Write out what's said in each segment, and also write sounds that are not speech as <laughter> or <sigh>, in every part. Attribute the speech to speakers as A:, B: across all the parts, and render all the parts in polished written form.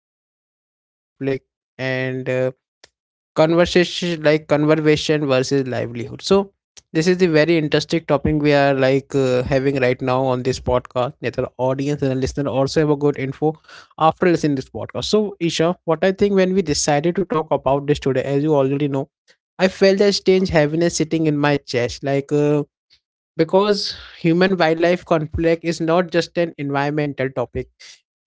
A: human wildlife conflict and conversation like conservation versus livelihood. So this is the very interesting topic we are having right now on this podcast. That our audience and listener also have a good info after listening this podcast. So Isha, what I think when we decided to talk about this today as you already know I felt a strange heaviness sitting in my chest, because human wildlife conflict is not just an environmental topic.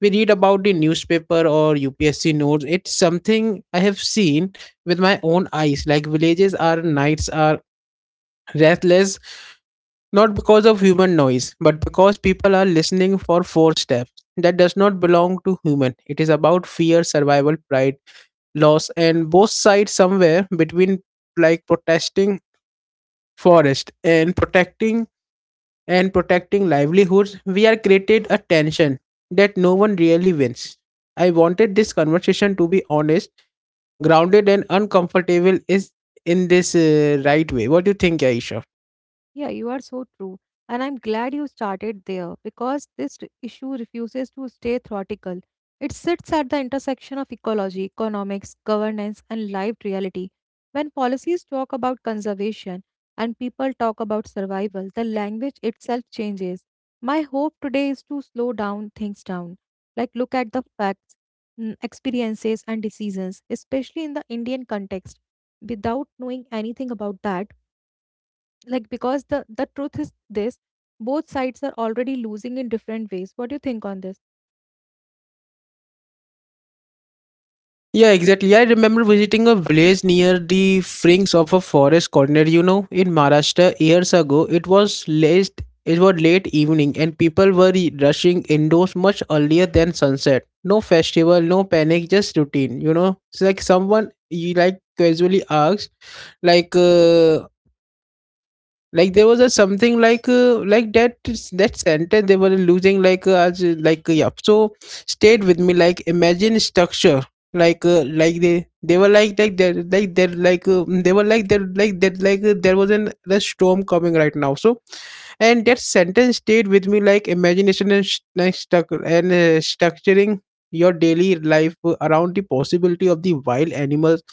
A: We read about the newspaper or UPSC notes. It's something I have seen with my own eyes. Like villages are nights are restless, not because of human noise, but because people are listening for four steps that does not belong to human. It is about fear, survival, pride, loss, and both sides somewhere between like protesting forest and protecting livelihoods we are created a tension that no one really wins. I wanted this conversation to be honest, grounded and uncomfortable is in this right way. What do you think, aisha?
B: Yeah, you are so true. And I'm glad you started there because issue refuses to stay theoretical. It sits at the intersection of ecology, economics, governance, and lived reality. When policies talk about conservation and people talk about survival, the language itself changes. My hope today is to slow down things down, like look at the facts, experiences, and decisions, especially in the Indian context. Without knowing anything about that, like because the truth is this, both sides are already losing in different ways. What do you think on this?
A: Yeah, exactly. I remember visiting a village near the fringes of a forest corner, you know, in Maharashtra years ago. It was late evening and people were rushing indoors much earlier than sunset. No festival, no panic, just routine, you know. It's like someone you like casually asked like uh, like there was a something like that that sentence they were losing like as like yeah so stayed with me like imagine structure like they were like that like that like mm, they were like that like that like there was an a storm coming right now so and that sentence stayed with me like imagination and stuck and structuring your daily life around the possibility of the wild animals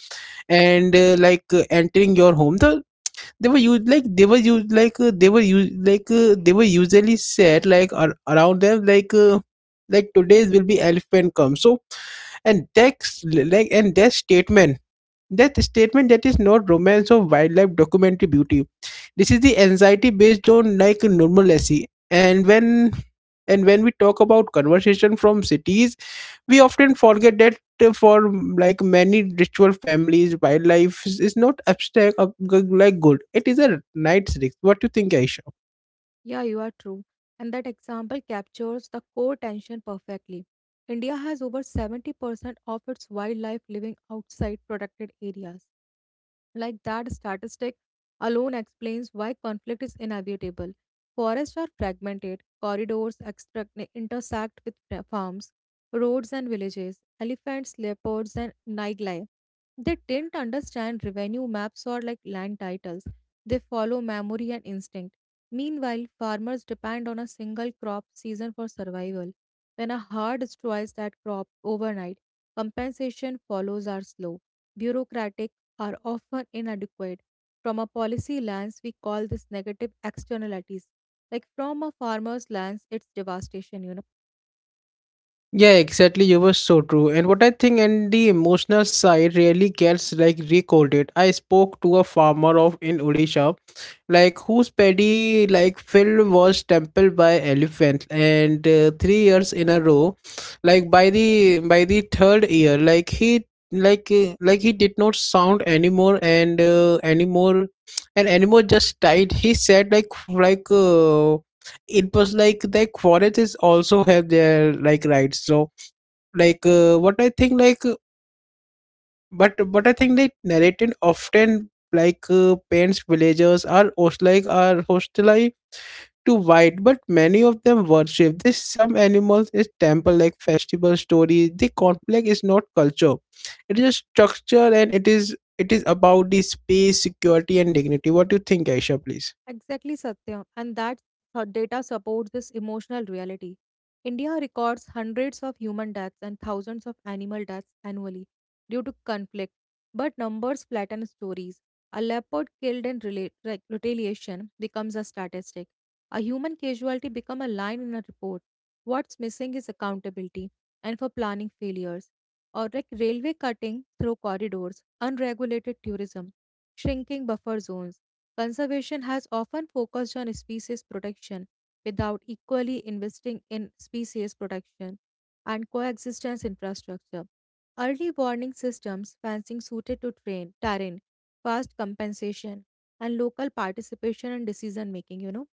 A: and entering your home they were used like they were used like they were used like they were usually said like around them like today's will be elephant come so and that's like and that statement that statement that is not romance or wildlife documentary beauty. This is the anxiety based on like normalcy. And when and when we talk about conversation from cities we often forget that for like many ritual families wildlife is not abstract like good. It is a night's risk. What do you think, aisha?
B: Yeah, you are true. And that example captures the core tension perfectly. India has over 70% of its wildlife living outside protected areas. Like, that statistic alone explains why conflict is inevitable. Forests are fragmented, corridors intersect with farms, roads and villages, elephants, leopards, and nightlife. They didn't understand revenue maps or like land titles. They follow memory and instinct. Meanwhile, farmers depend on a single crop season for survival. When a herd destroys that crop overnight, compensation follows are slow, bureaucratic, are often inadequate. From a policy lens, we call this negative externalities. Like from a farmer's lens, it's devastation, you know.
A: Yeah, exactly. You were so true. And what I think and the emotional side really gets like recorded. I spoke to a farmer of in Odisha like whose paddy like field was trampled by elephant and 3 years in a row like by the third year like he like he did not sound anymore just died. He said like it was like the forests also have their like rights so what I think like but I think they narrated often paints villagers are hostilike are hostile to white, but many of them worship this. Some animals is temple like festival stories. The conflict is not culture; it is a structure, and it is about the space, security, and dignity. What do you think, Aisha? Please.
B: Exactly, Satya. And that her data supports this emotional reality. India records hundreds of human deaths and thousands of animal deaths annually due to conflict, but numbers flatten stories. A leopard killed in retaliation becomes a statistic. A human casualty becomes a line in a report. What's missing is accountability and for planning failures, or like railway cutting through corridors, unregulated tourism, shrinking buffer zones. Conservation has often focused on species protection without equally investing in species protection and coexistence infrastructure. Early warning systems, fencing suited to train, terrain, fast compensation, and local participation and decision making, you know.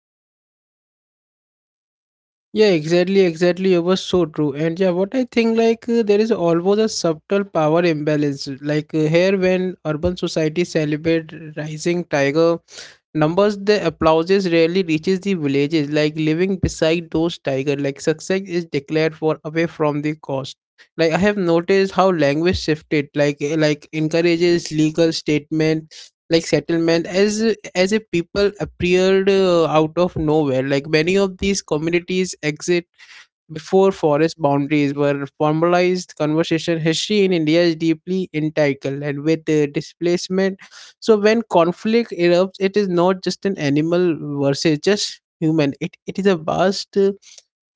A: Yeah, exactly. It was so true. And yeah, what I think there is always a subtle power imbalance. Here, when urban society celebrate rising tiger numbers, the applauses rarely reaches the villages. Like living beside those tiger, like success is declared for away from the cost. Like I have noticed how language shifted. Like encourages legal statement like settlement as a people appeared out of nowhere. Like many of these communities exit before forest boundaries were formalized. Conversation history in india is deeply entangled and with the displacement. So when conflict erupts it is not just an animal versus just human. It is a vast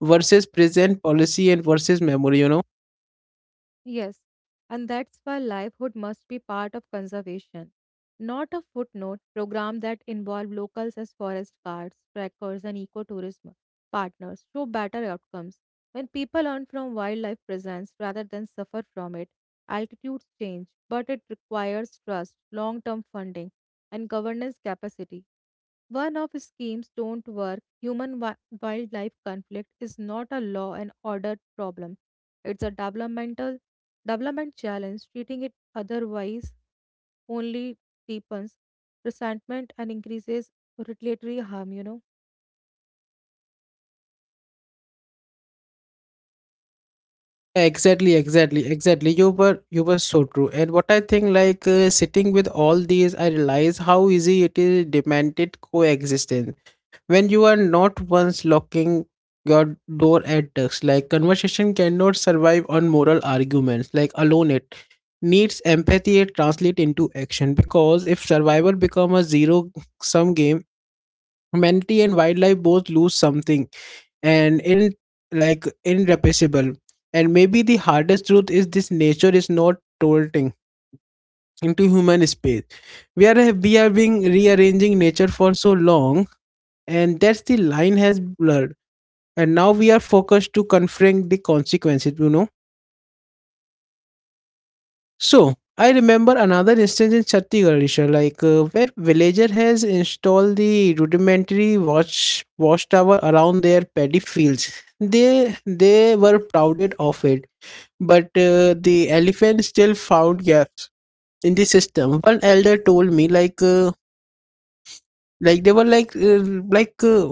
A: versus present policy and versus memory, you know.
B: Yes, and that's why livelihood must be part of conservation, not a footnote. Program that involve locals as forest guards, trackers, and ecotourism partners show better outcomes. When people learn from wildlife presence rather than suffer from it, altitudes change, but it requires trust, long-term funding, and governance capacity. One-off schemes don't work. Wildlife conflict is not a law and order problem. It's a development challenge. Treating it otherwise only deepens resentment and increases retaliatory harm, you know.
A: Exactly. You were so true. And what I think, sitting with all these, I realize how easy it is demanded coexistence when you are not once locking your door at dusk. Like conversation cannot survive on moral arguments. Like alone, it needs empathy to translate into action. Because if survival become a zero sum game, humanity and wildlife both lose something and in like irrepressible. And maybe the hardest truth is this: nature is not tilting into human space. We are being rearranging nature for so long, and that's the line has blurred. And now we are focused to confront the consequences. You know. So I remember another instance in Chhattisgarh, Isha, where villager has installed the rudimentary watchtower around their paddy fields. They were proud of it but the elephant still found gaps in the system. One elder told me like they were like uh,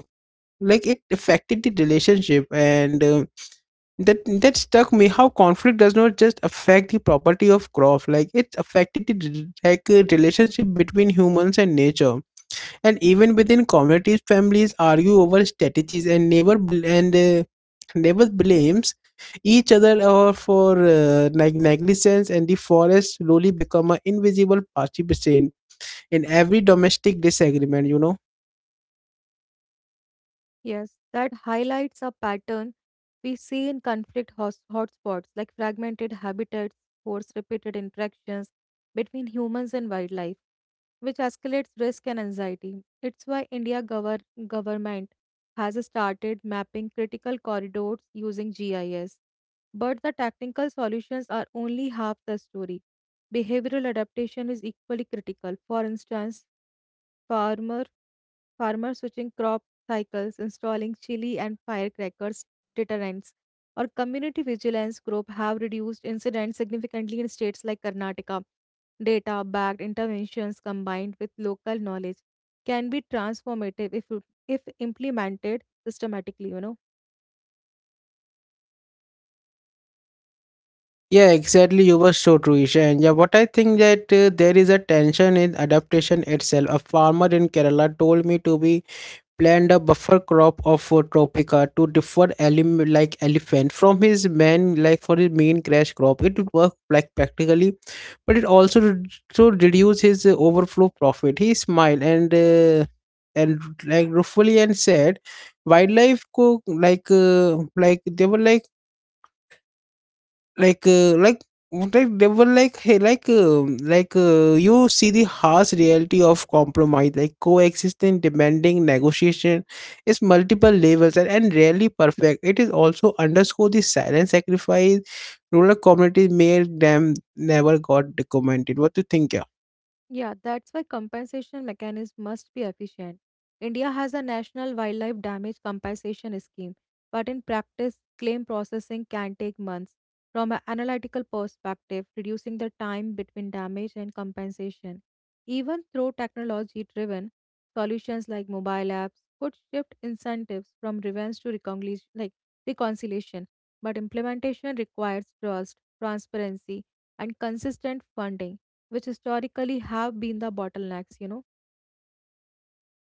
A: like it affected the relationship and that struck me how conflict does not just affect the property of crop like it affected the relationship between humans and nature. And even within communities families argue over strategies and neighbors blames each other or for negligence. And the forest slowly become an invisible participant in every domestic disagreement, you know.
B: Yes, that highlights a pattern we see in conflict hotspots, like fragmented habitats, forced repeated interactions between humans and wildlife, which escalates risk and anxiety. It's why government has started mapping critical corridors using GIS. But the technical solutions are only half the story. Behavioral adaptation is equally critical. For instance, farmer farmers switching crop cycles, installing chili and firecrackers deterrents, or community vigilance group have reduced incidents significantly in states like Karnataka. Data backed interventions combined with local knowledge can be transformative if implemented systematically, you know.
A: Yeah, exactly. You were so true, Isha. And yeah, what I think that there is a tension in adaptation itself. A farmer in kerala told me to be planned a buffer crop of Tropica to differ like elephant from his main like for his main crash crop. It worked like practically, but it also to reduce his overflow profit. He smiled and like ruefully and said, wildlife co- like they were like uh, like like they were like hey like you see the harsh reality of compromise. Like coexistence demanding negotiation is multiple levels and rarely perfect. It is also underscore the silent sacrifice rural communities made them never got documented. What do you think, yeah?
B: Yeah, that's why compensation mechanism must be efficient. India has a national wildlife damage compensation scheme, but in practice, claim processing can take months. From an analytical perspective, reducing the time between damage and compensation, even through technology-driven solutions like mobile apps, could shift incentives from revenge to reconciliation, reconciliation. But implementation requires trust, transparency, and consistent funding which historically have been the bottlenecks, you know.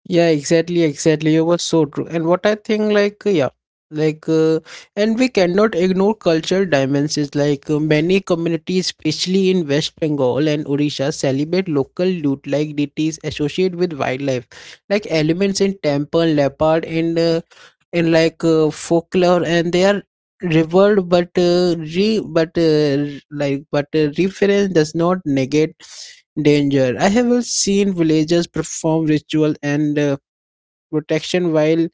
A: Yeah, exactly. You were so true. And what I think, like, uh, and we cannot ignore cultural dimensions. Many communities, especially in West Bengal and Odisha, celebrate local loot like deities associated with wildlife, like elements in temple, leopard, and in folklore, and they are revered, but re, but r- like, but reference does not negate danger. I have seen villagers perform ritual and protection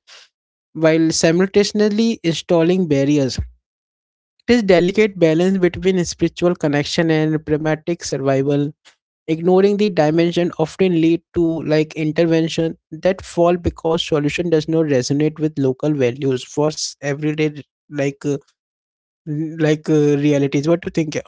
A: while simultaneously installing barriers. It is delicate balance between spiritual connection and pragmatic survival. Ignoring the dimension often lead to like intervention that fall because solution does not resonate with local values for everyday like uh, realities. What do you think?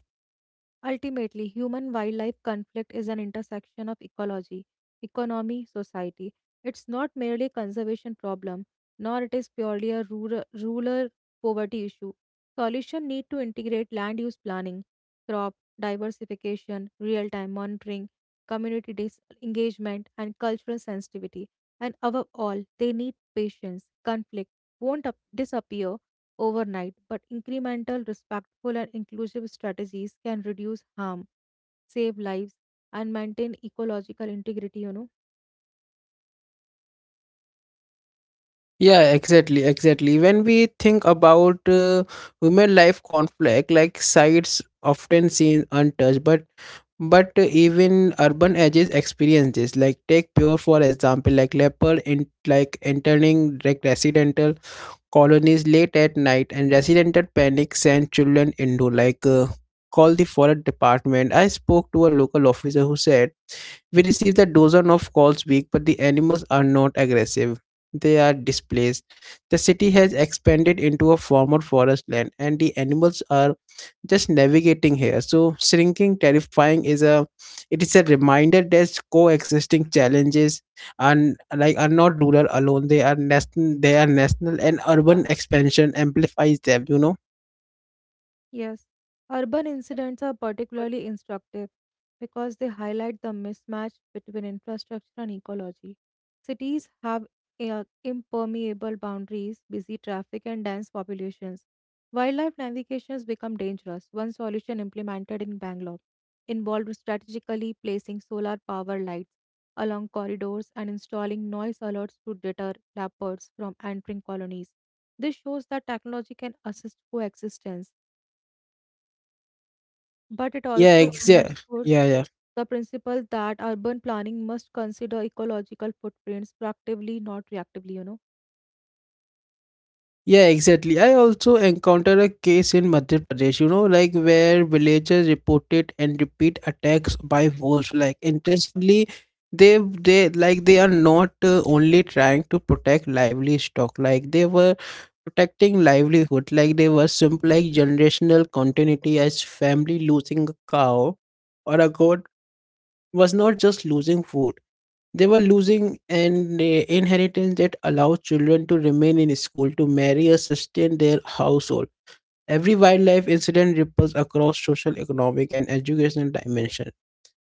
B: Ultimately, human wildlife conflict is an intersection of ecology, economy, society. It's not merely a conservation problem, nor it is purely a rural poverty issue. Solution need to integrate land use planning, crop diversification, real-time monitoring, community engagement, and cultural sensitivity. And above all, they need patience. Conflict won't disappear overnight, but incremental, respectful, and inclusive strategies can reduce harm, save lives, and maintain ecological integrity, you know.
A: Yeah, exactly. When we think about women life conflict, like sites often seen untouched, but even urban edges experience this. Like take pure for example, like leopard in like entering like residential colonies late at night, and residential panic send children into call the forest department. I spoke to a local officer who said we received a dozen of calls week, but the animals are not aggressive. They are displaced. The city has expanded into a former forest land, and the animals are just navigating here. So shrinking, terrifying is a it is a reminder that coexisting challenges and like are not rural alone. They are national. They are national, and urban expansion amplifies them. You know.
B: Yes, urban incidents are particularly instructive because they highlight the mismatch between infrastructure and ecology. Cities have impermeable boundaries, busy traffic, and dense populations. Wildlife navigations become dangerous. One solution implemented in Bangalore involved strategically placing solar power lights along corridors and installing noise alerts to deter leopards from entering colonies. This shows that technology can assist coexistence, but it
A: Yeah.
B: also
A: Yeah.
B: underscores
A: Yeah. Yeah.
B: the principle that urban planning must consider ecological footprints proactively, not reactively, you know.
A: Yeah, exactly. I also encountered a case in Madhya Pradesh, you know, like where villagers reported and repeat attacks by wolves. Like interestingly, they are not only trying to protect lively stock, like they were protecting livelihood. Like they were simple like generational continuity as family losing a cow or a goat was not just losing food. They were losing an inheritance that allows children to remain in school, to marry, or sustain their household. Every wildlife incident ripples across social, economic, and educational dimension.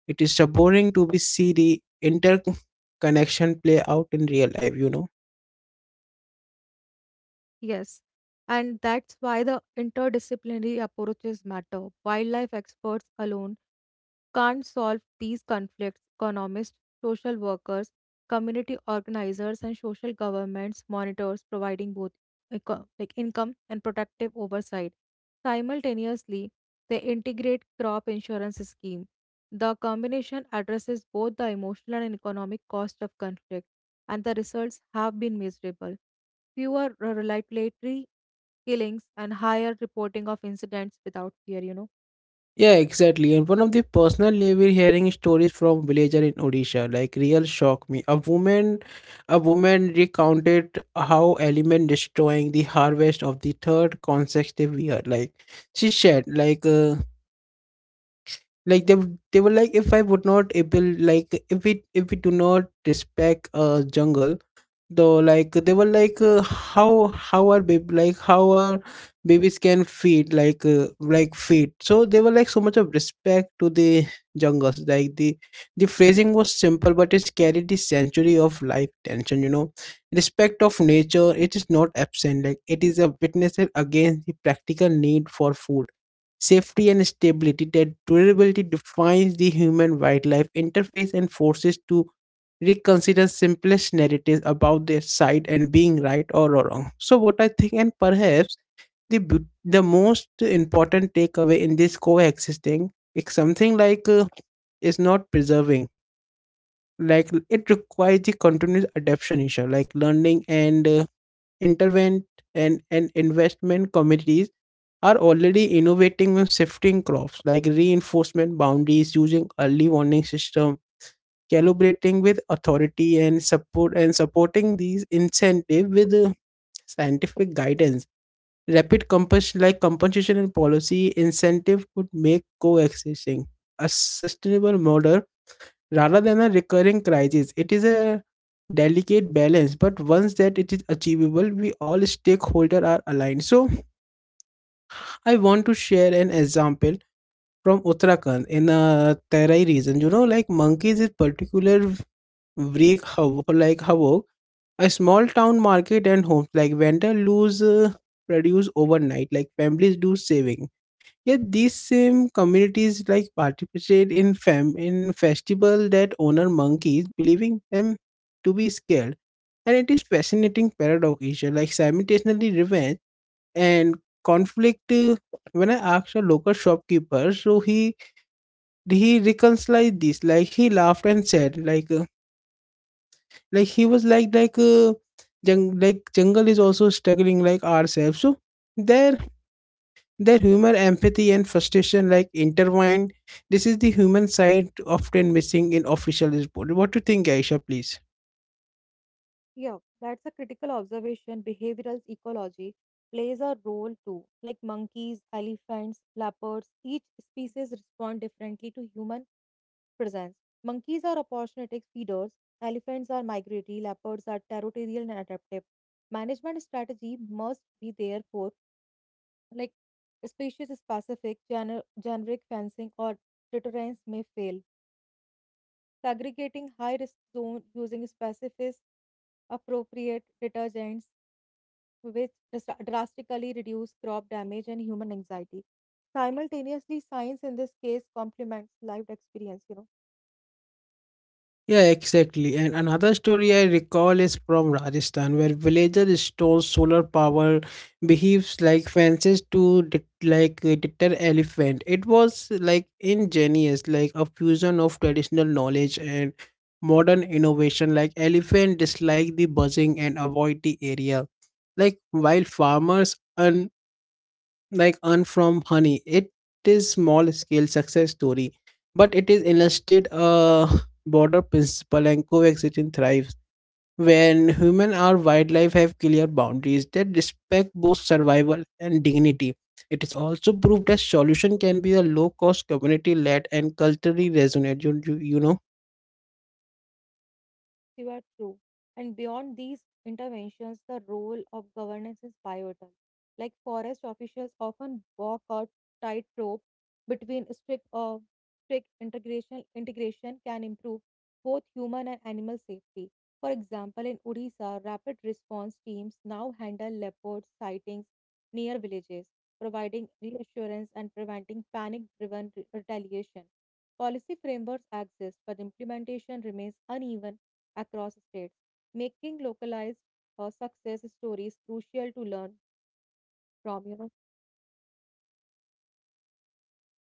A: It is sobering to be see the interconnection play out in real life, you know.
B: Yes. And that's why the interdisciplinary approaches matter. Wildlife experts alone can't solve these conflicts. Economists, social workers, community organizers, and social governments monitors providing both like income and protective oversight. Simultaneously, they integrate crop insurance scheme. The combination addresses both the emotional and economic cost of conflict, and the results have been measurable. Fewer regulatory killings and higher reporting of incidents without fear, you know.
A: Yeah, exactly. And one of the personal level hearing stories from villager in Odisha, like real shocked me. A woman recounted how element destroying the harvest of the third consecutive year. Like she said, like they were like, if I would not able, like if we do not respect a jungle though like they were like how are baby like how are babies can feed like feed so they were like so much of respect to the jungles like the phrasing was simple but it carried the century of life tension, you know. Respect of nature, it is not absent, like it is a witness against the practical need for food safety and stability. That durability defines the human wildlife interface and forces to reconsider simplest narratives about their side and being right or wrong. So what I think, and perhaps the most important takeaway in this coexisting is something like is not preserving, like it requires the continuous adaptation issue like learning and intervent and investment. Communities are already innovating on shifting crops, like reinforcement boundaries using early warning system, calibrating with authority and support, and supporting these incentive with scientific guidance. Rapid like compensation and policy incentive could make coexisting a sustainable model rather than a recurring crisis. It is a delicate balance, but once that it is achievable we all stakeholder are aligned. So I want to share an example from Uttarakhand in a Terai region, you know, like monkeys is particular. Break like havoc. A small town market and homes like vendor lose produce overnight. Like families do saving. Yet these same communities like participate in fam in festival that honor monkeys, believing them to be scared. And it is fascinating paradox issue like simultaneously revenge and conflict. When I asked a local shopkeeper, so he reconciled this. Like he laughed and said, like, like jungle is also struggling like ourselves. So their their humor, empathy and frustration like intertwined. This is the human side often missing in official report. What do you think, Aisha, please?
B: Yeah, that's a critical observation. Behavioral ecology plays a role too. Like monkeys, elephants, leopards, each species respond differently to human presence. Monkeys are opportunistic feeders, elephants are migratory, leopards are territorial and adaptive. Management strategy must be therefore like species specific. Generic fencing or deterrence may fail, segregating high risk zone using specific appropriate detergents which drastically reduce crop damage and human anxiety. Simultaneously, science in this case complements lived experience, you know.
A: Yeah, exactly. And another story I recall is from Rajasthan, where villagers stole solar power beehives like fences to deter elephant. It was like ingenious, like a fusion of traditional knowledge and modern innovation. Like elephant dislike the buzzing and avoid the area. Like while farmers like earn from honey, it is small scale success story, but it is illustrated a broader principle, and coexistence thrives when human or wildlife have clear boundaries that respect both survival and dignity. It is also proved that solution can be a low cost, community led and culturally resonant, you know.
B: You are true. And beyond these interventions, the role of governance is pivotal. Like forest officials often walk a tightrope between strict integration. Integration can improve both human and animal safety. For example, in Odisha, rapid response teams now handle leopard sightings near villages, providing reassurance and preventing panic-driven retaliation. Policy frameworks exist, but implementation remains uneven across states, making localized success stories crucial to learn from, you know.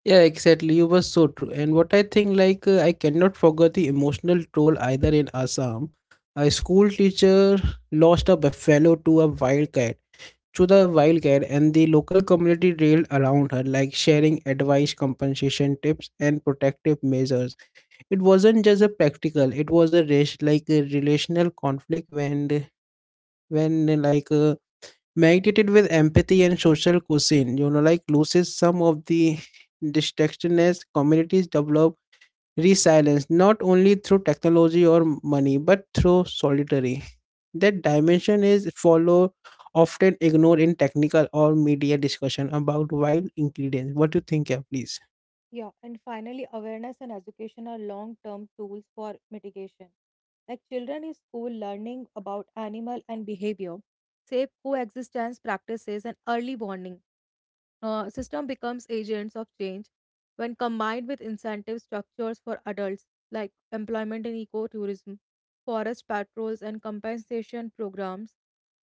A: Yeah, exactly. You were so true. And what I think, like, I cannot forget the emotional toll either in Assam. A school teacher lost a buffalo to a wildcat, to the wildcat, and the local community rallied around her, like sharing advice, compensation tips, and protective measures. It wasn't just a practical; it was a race, like a relational conflict when, when like. Uh, Magneted with empathy and social cuisine, you know, like loses some of the distraction as communities develop resilience, not only through technology or money, but through solitary. That dimension is follow often ignored in technical or media discussion about wild ingredients. What do you think, yeah, please?
B: Yeah, and finally, awareness and education are long term tools for mitigation. Like children in school learning about animal and behavior, safe coexistence practices, and early warning system becomes agents of change. When combined with incentive structures for adults like employment in ecotourism, forest patrols and compensation programs,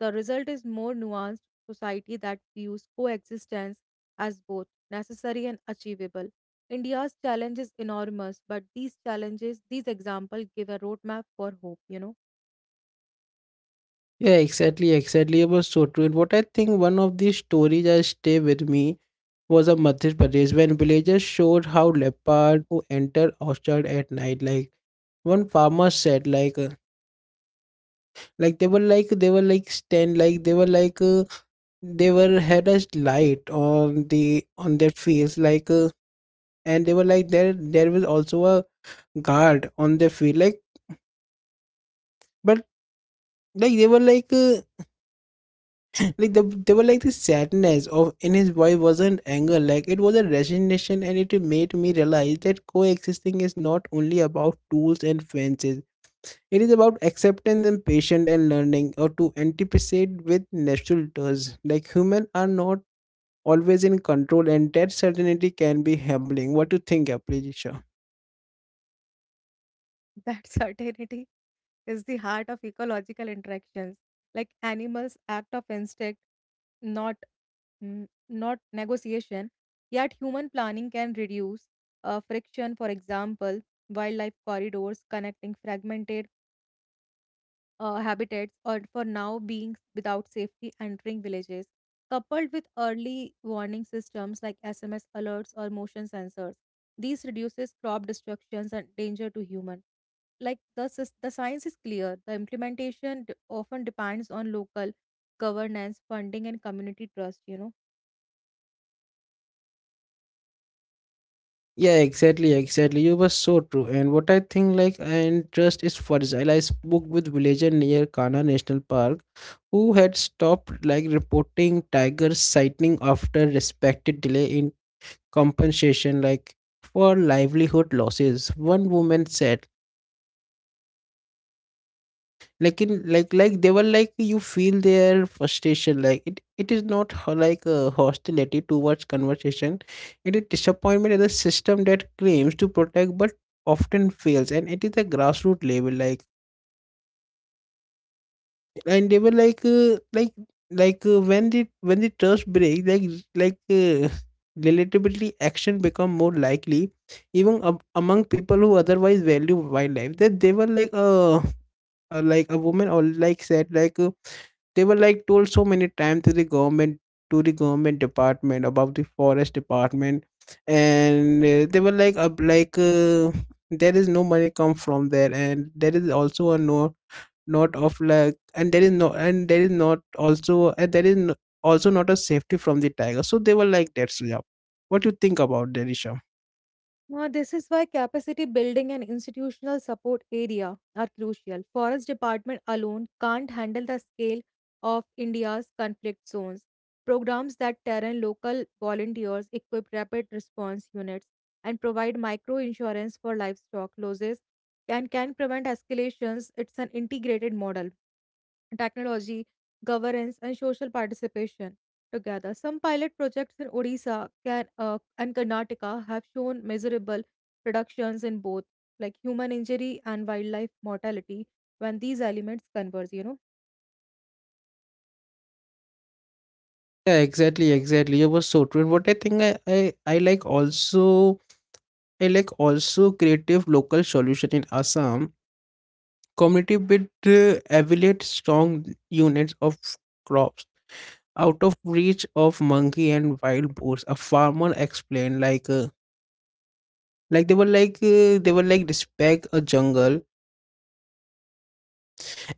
B: the result is more nuanced society that views coexistence as both necessary and achievable. India's challenge is enormous, but these challenges, these examples give a roadmap for hope, you know.
A: Yeah, exactly, exactly. It was so true. And what I think, one of these stories that stay with me was a Madhya Pradesh when villagers showed how leopard who enter orchard at night. Like one farmer said, like they were like they were like stand like they were had a light on their fields, and they were like there was also a guard on their field, like but like they were like the there were like this sadness of in his voice wasn't anger, like it was a resignation, and it made me realize that coexisting is not only about tools and fences, it is about acceptance and patience and learning or to anticipate with natural does. Like humans are not always in control, and that certainty can be humbling. What do you think, appreciation?
B: That <laughs> certainty is the heart of ecological interactions. Like animals act of instinct, not not negotiation. Yet human planning can reduce friction. For example, wildlife corridors connecting fragmented habitats or for now being without safety entering villages, coupled with early warning systems like SMS alerts or motion sensors. These reduces crop destructions and danger to human. Like the science is clear. The implementation often depends on local governance, funding, and community trust, you know.
A: Yeah, exactly, exactly. You were so true. And what I think, like, and trust is fragile. I spoke with villager near Kana National Park who had stopped like reporting tiger sighting after respected delay in compensation, like for livelihood losses. One woman said, like in like like they were like you feel their frustration, like it is not hostility towards conversation. It is disappointment at the system that claims to protect but often fails, and it is a grassroots level, like and they were like when the trust breaks, like <laughs> relatively action become more likely, even among people who otherwise value wildlife. That they were like a woman or like said, like, they were like told so many times to the government, department about the forest department, and they were like, there is no money come from there, and there is also a no, not of like, and there is no, and there is not also, and there is no, also not a safety from the tiger, so they were like that, yeah. What do you think about that, Isha?
B: This is why capacity building and institutional support area are crucial. Forest department alone can't handle the scale of India's conflict zones. Programs that train local volunteers, equip rapid response units, and provide micro insurance for livestock losses and can prevent escalations. It's an integrated model: technology, governance, and social participation together. Some pilot projects in Odisha and Karnataka have shown measurable reductions in both like human injury and wildlife mortality when these elements converge, you know.
A: Yeah, exactly, exactly, it was so true. And what I think I like also I like also creative local solution in Assam. Community bid evaluate strong units of crops out of reach of monkey and wild boars. A farmer explained, like, they were like respect a jungle,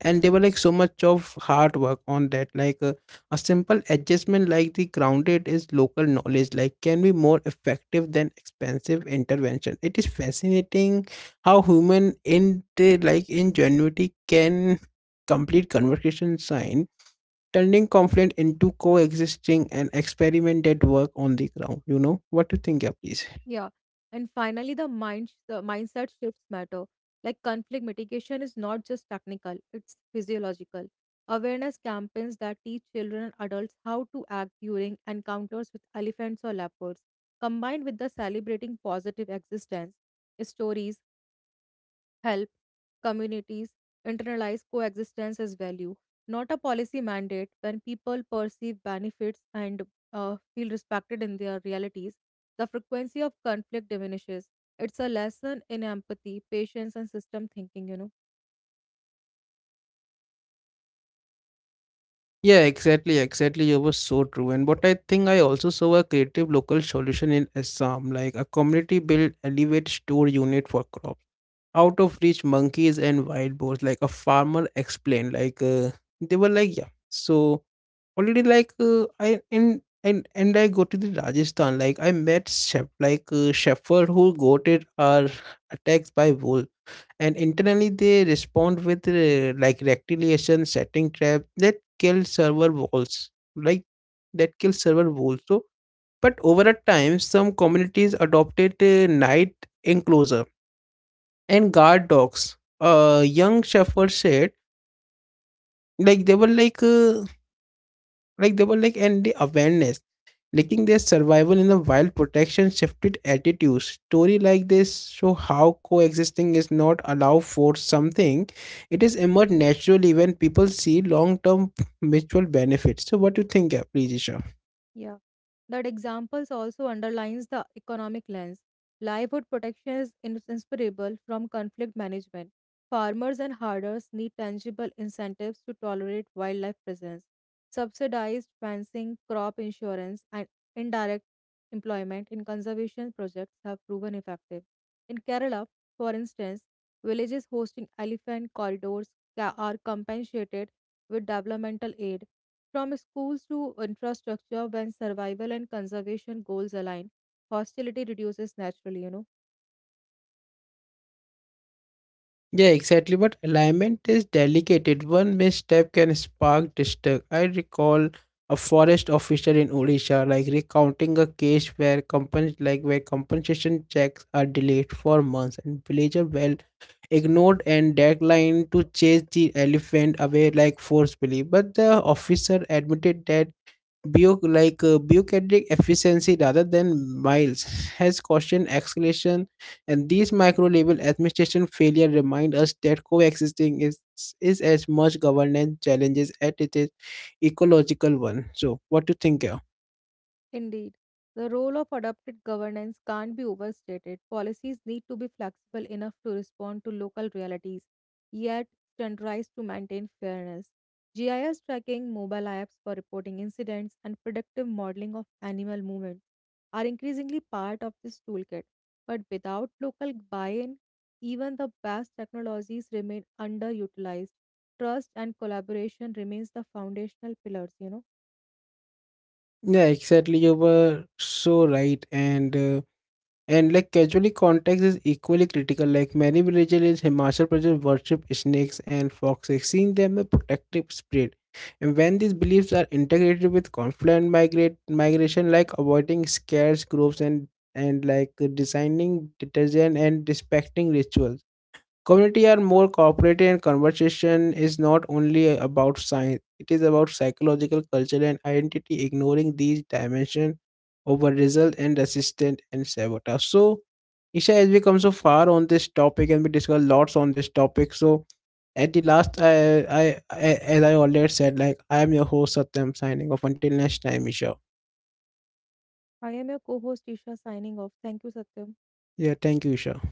A: and they were like so much of hard work on that, like a simple adjustment like the grounded is local knowledge like can be more effective than expensive intervention. It is fascinating how human in the like ingenuity can complete conversation sign, turning conflict into coexisting and experiment that work on the ground, you know. What do you think, yeah, please?
B: Yeah. And finally, the mindset shifts matter. Like conflict mitigation is not just technical, it's physiological. Awareness campaigns that teach children and adults how to act during encounters with elephants or leopards, combined with the celebrating positive existence stories help communities internalize coexistence as value, not a policy mandate. When people perceive benefits and feel respected in their realities, the frequency of conflict diminishes. It's a lesson in empathy, patience, and system thinking, you know.
A: Yeah, exactly, exactly. You were so true. And what I think, I also saw a creative local solution in Assam, like a community built elevate store unit for crops. Out of reach monkeys and wild boars, like a farmer explained, like, they were like, yeah. So already like I and I go to the Rajasthan, like I met chef like shepherd who goated are attacked by wolves, and internally they respond with like rectiliation, setting trap that kill server walls, like so, but over a time some communities adopted night enclosure and guard dogs. Young shepherd said, like they were like they were like and the awareness linking their survival in a wild protection shifted attitudes. Story like this show how coexisting is not allowed for something, it is emerged naturally when people see long-term mutual benefits. So what do you think, please, Isha?
B: Yeah. That examples also underlines the economic lens. Livelihood protection is inseparable from conflict management. Farmers and herders need tangible incentives to tolerate wildlife presence. Subsidized fencing, crop insurance, and indirect employment in conservation projects have proven effective. In Kerala, for instance, villages hosting elephant corridors are compensated with developmental aid from schools to infrastructure. When survival and conservation goals align, hostility reduces naturally, you know.
A: Yeah, exactly. But alignment is delicate. One misstep can spark distrust. I recall a forest officer in Odisha, like recounting a case where like where compensation checks are delayed for months, and villager well ignored and deadline to chase the elephant away like forcefully. But the officer admitted that Bio like bureaucratic efficiency rather than miles, has cautioned escalation, and these micro-level administration failure remind us that coexisting is as much governance challenges as it is ecological one. So, what do you think? Yeah,
B: Indeed, the role of adapted governance can't be overstated. Policies need to be flexible enough to respond to local realities, yet standardized to maintain fairness. GIS tracking, mobile apps for reporting incidents, and predictive modeling of animal movements are increasingly part of this toolkit. But without local buy in, even the best technologies remain underutilized. Trust and collaboration remains the foundational pillars, you know.
A: yeah, exactly. You were so right, and. And like casually context is equally critical. Like many villages in Himachal Pradesh worship snakes and foxes, seeing them a protective spirit. And when these beliefs are integrated with confluent migrate migration, like avoiding scarce groups and like designing detergent and respecting rituals. Community are more cooperative, and conversation is not only about science, it is about psychological, culture and identity. Ignoring these dimension over result and resistant and sabotage. So Isha, as we come so far on this topic and we discuss lots on this topic, so at the last, I as I already said, like I am your host Satyam signing off. Until next time, Isha.
B: I am your co host, Isha, signing off. Thank you, Satyam.
A: Yeah, thank you, Isha.